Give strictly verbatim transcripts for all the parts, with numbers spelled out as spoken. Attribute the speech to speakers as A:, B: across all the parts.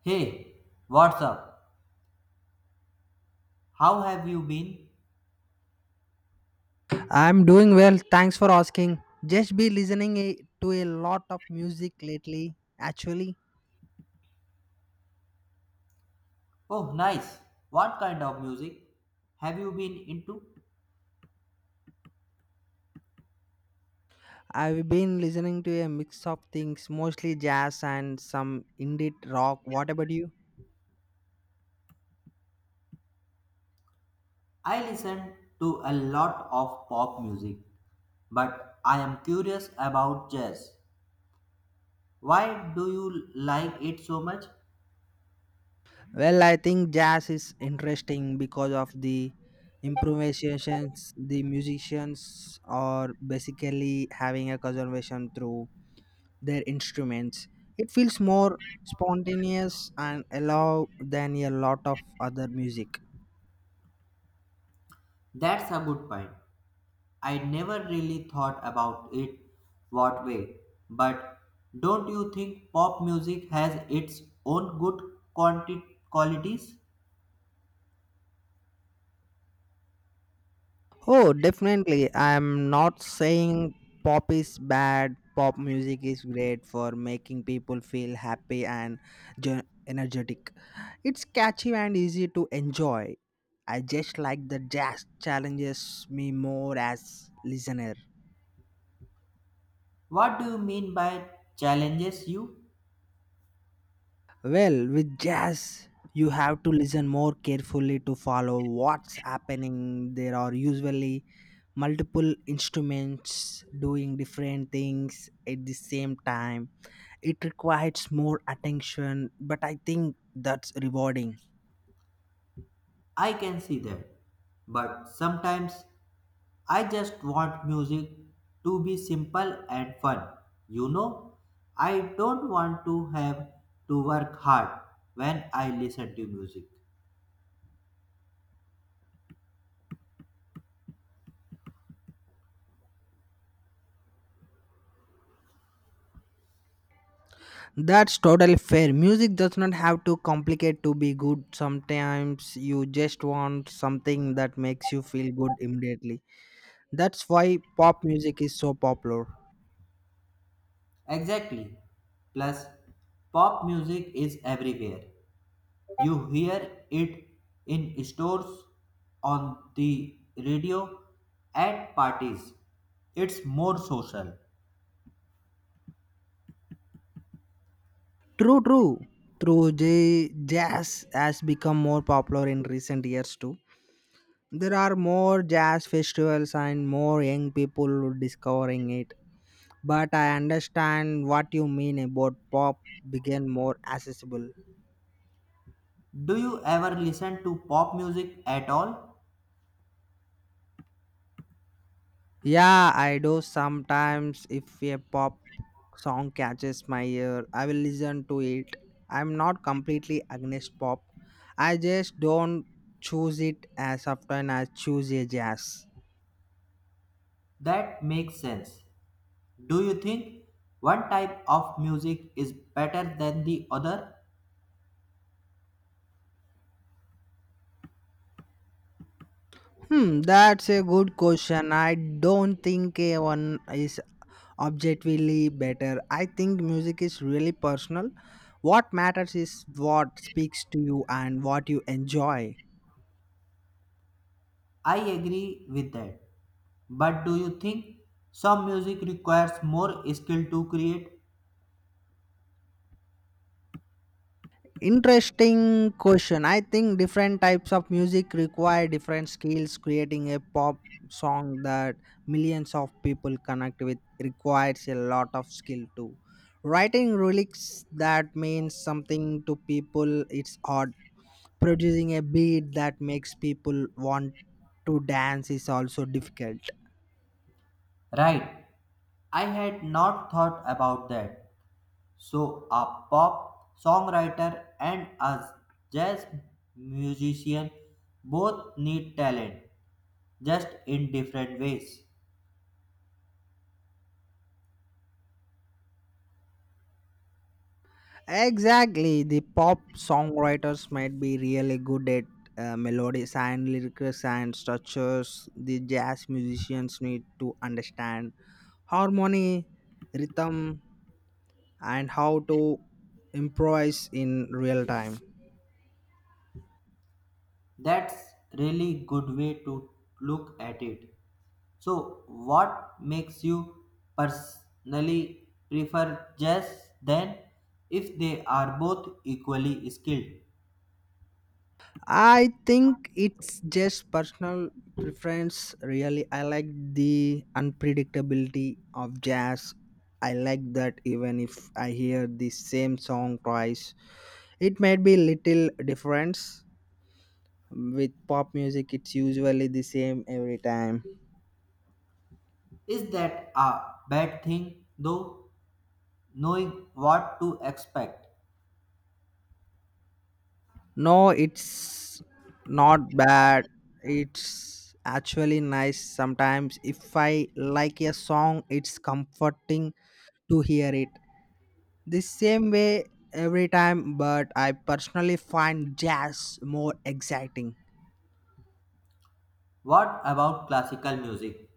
A: Hey, what's up? How have you been?
B: I'm doing well. Thanks for asking. Just be listening a- to a lot of music lately. Actually,
A: Oh, nice. What kind of music have you been into?
B: I've been listening to a mix of things, mostly jazz and some indie rock. What about you?
A: I listen to a lot of pop music, but I am curious about jazz. Why do you like it so much?
B: Well, I think jazz is interesting because of the improvisations the musicians are basically having a conversation through their instruments. It feels more spontaneous and allow than a lot of other music.
A: That's a good point. I never really thought about it what way, but don't you think pop music has its own good quanti- qualities?
B: Oh, definitely. I'm not saying pop is bad. Pop music is great for making people feel happy and ge- energetic. It's catchy and easy to enjoy. I just like the jazz challenges me more as listener.
A: What do you mean by challenges you?
B: Well, with jazz, you have to listen more carefully to follow what's happening. There are usually multiple instruments doing different things at the same time it requires more attention but I think that's rewarding.
A: I can see that. But sometimes I just want music to be simple and fun. You know, I don't want to have to work hard when I listen to music.
B: That's totally fair. Music does not have to complicate to be good. Sometimes you just want something that makes you feel good immediately. That's why pop music is so popular.
A: Exactly. Plus, pop music is everywhere. You hear it in stores, on the radio, at parties. It's more social.
B: True, true. True, J- jazz has become more popular in recent years too. There are more jazz festivals and more young people discovering it. But I understand what you mean about pop became more accessible.
A: Do you ever listen to pop music at all?
B: Yeah, I do sometimes. If a pop song catches my ear, I will listen to it. I'm not completely against pop. I just don't choose it as often as choose a jazz.
A: That makes sense. Do you think one type of music is better than the other?
B: Hmm, that's a good question. I don't think a one is objectively better. I think music is really personal. What matters is what speaks to you and what you enjoy.
A: I agree with that. But do you think some music requires more skill to create?
B: Interesting question. I think different types of music require different skills. Creating a pop song that millions of people connect with requires a lot of skill too. Writing lyrics that means something to people, it's hard producing a beat that makes people want to dance is also difficult.
A: Right. I had not thought about that. So, a pop songwriter and a jazz musician both need talent, just in different ways.
B: Exactly, the pop songwriters might be really good at uh, melodies and lyrics and structures. The jazz musicians need to understand harmony, rhythm, and how to improvise in real time.
A: That's really good way to look at it. So, what makes you personally prefer jazz then if they are both equally skilled?
B: I think it's just personal preference, really. I like the unpredictability of jazz. I like that even if I hear the same song twice, it might be little difference. With pop music, it's usually the same every time.
A: Is that a bad thing though? Knowing what to expect.
B: No, it's not bad. It's actually nice sometimes. If I like a song, it's comforting to hear it the same way every time, but I personally find jazz more exciting.
A: What about classical music?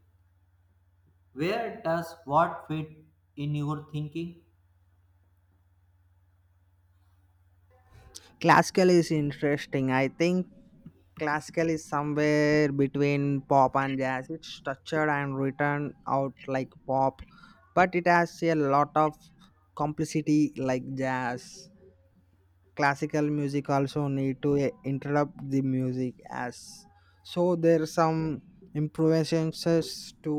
A: Where does what fit in your thinking?
B: Classical is interesting. I think classical is somewhere between pop and jazz. It's structured and written out like pop, but it has a lot of complexity like jazz. Classical music also need to eh, interrupt the music as so there's some improvisations to,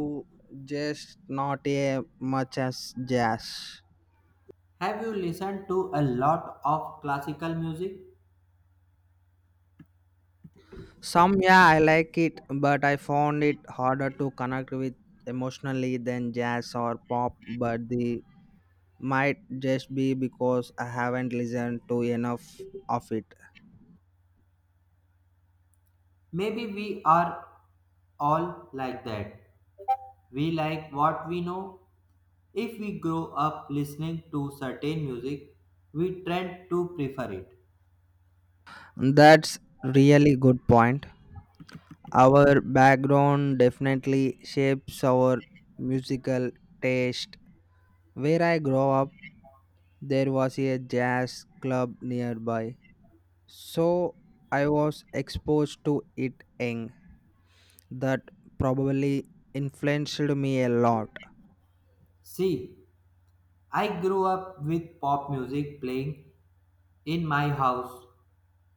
B: just not a much as jazz.
A: Have you listened to a lot of classical music?
B: Some, yeah, I like it, but I found it harder to connect with emotionally than jazz or pop, but the might just be because I haven't listened to enough of it.
A: Maybe we are all like that. We like what we know. If we grow up listening to certain music, we tend to prefer it.
B: That's really good point. Our background definitely shapes our musical taste. Where I grew up, there was a jazz club nearby, so I was exposed to it young. That probably influenced me a lot.
A: See, I grew up with pop music playing in my house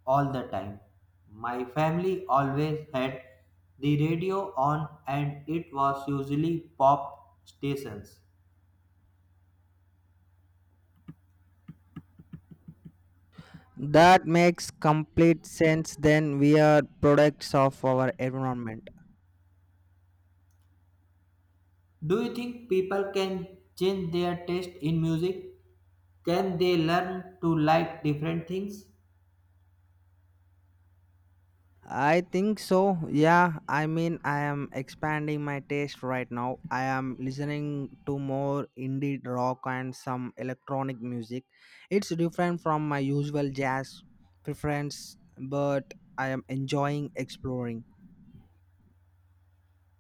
A: all the time. My family always had the radio on, and it was usually pop stations.
B: That makes complete sense. Then we are products of our environment.
A: Do you think people can change their taste in music? Can they learn to like different things?
B: I think so. Yeah, I mean, I am expanding my taste right now. I am listening to more indie rock and some electronic music. It's different from my usual jazz preference, but I am enjoying exploring.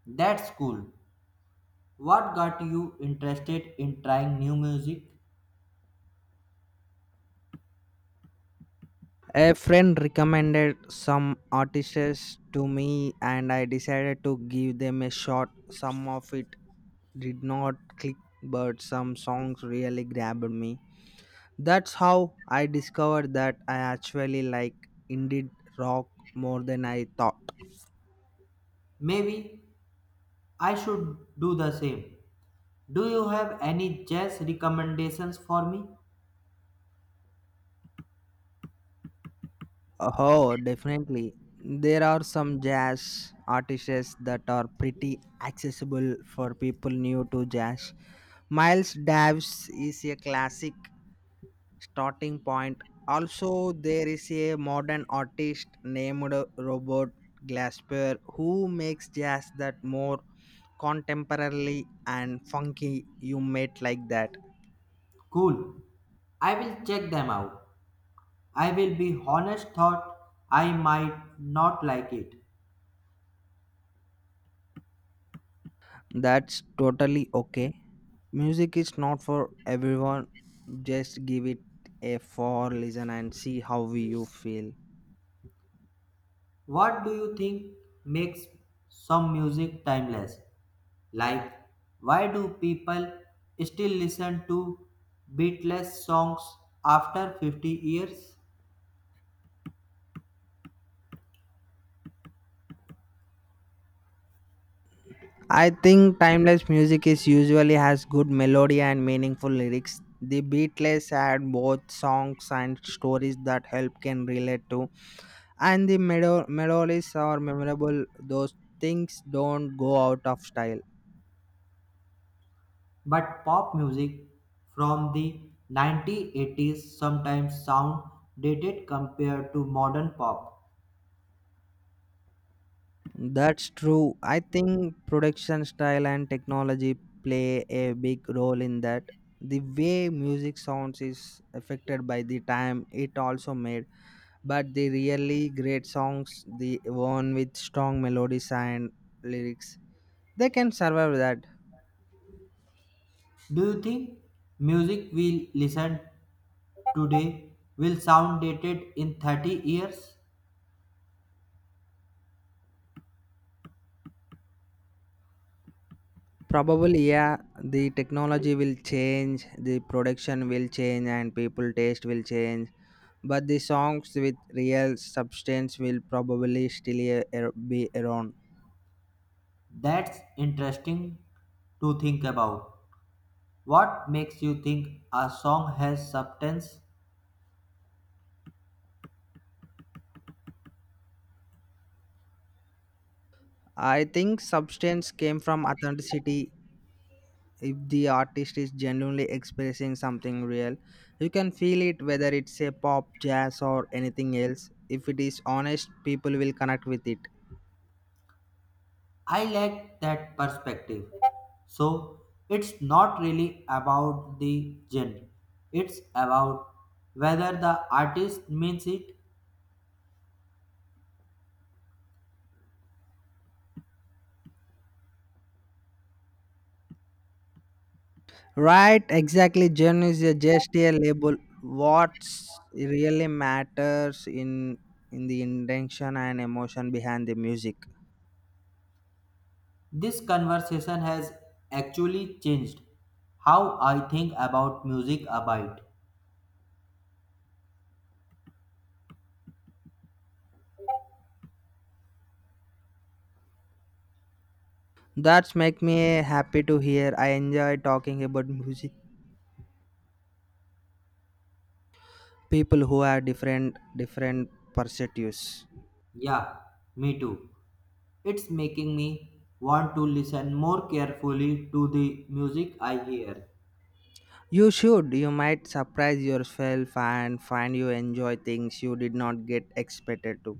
A: That's cool. What got you interested in trying new music?
B: A friend recommended some artists to me, and I decided to give them a shot. Some of it did not click, but some songs really grabbed me. That's how I discovered that I actually like indie rock more than I thought.
A: Maybe I should do the same. Do you have any jazz recommendations for me?
B: Oh, definitely. There are some jazz artists that are pretty accessible for people new to jazz. Miles Davis is a classic starting point. Also, there is a modern artist named Robert Glasper who makes jazz that more contemporarily and funky. You might like that.
A: Cool. I will check them out. I will be honest thought I might not like it.
B: That's totally okay. Music is not for everyone. Just give it a four listen and see how you feel.
A: What do you think makes some music timeless? Like, why do people still listen to beatless songs after fifty years?
B: I think timeless music is usually has good melody and meaningful lyrics. The Beatles had both songs and stories that help can relate to, and the melodies are memorable. Those things don't go out of style.
A: But pop music from the nineteen eighties sometimes sound dated compared to modern pop.
B: That's true. I think production style and technology play a big role in that. The way music sounds is affected by the time it also made, but the really great songs, the one with strong melodies and lyrics, they can survive that.
A: Do you think music we listen today will sound dated in thirty years?
B: Probably, yeah, the technology will change, the production will change, and people taste will change. But the songs with real substance will probably still a- a- be around.
A: That's interesting to think about. What makes you think a song has substance?
B: I think substance came from authenticity. If the artist is genuinely expressing something real, you can feel it whether it's a pop, jazz, or anything else. If it is honest, people will connect with it.
A: I like that perspective. So, it's not really about the genre, it's about whether the artist means it.
B: Right, exactly. Gen is a- just a label. What's really matters in in the intention and emotion behind the music.
A: This conversation has actually changed how I think about music a bit.
B: That's make me happy to hear. I enjoy talking about music. People who are different different perspectives.
A: Yeah, me too. It's making me want to listen more carefully to the music I hear.
B: You should. You might surprise yourself and find you enjoy things you did not get expected to.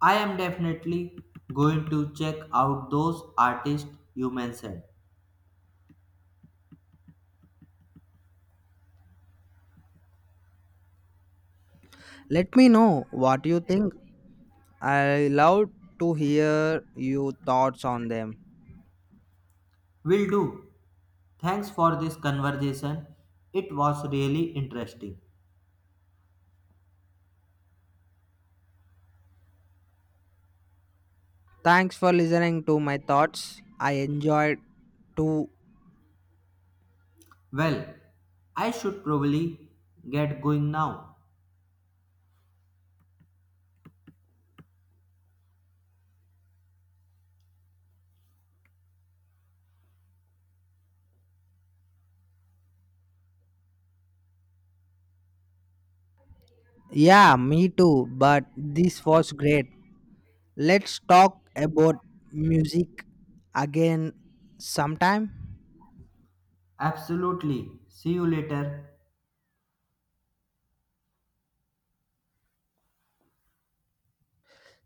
A: I am definitely going to check out those artists you mentioned.
B: Let me know what you think. I love to hear your thoughts on them.
A: Will do. Thanks for this conversation. It was really interesting.
B: Thanks for listening to my thoughts. I enjoyed too.
A: Well, I should probably get going now.
B: Yeah, me too. But this was great. Let's talk about music again sometime.
A: Absolutely. See you later.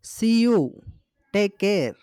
B: See you. Take care.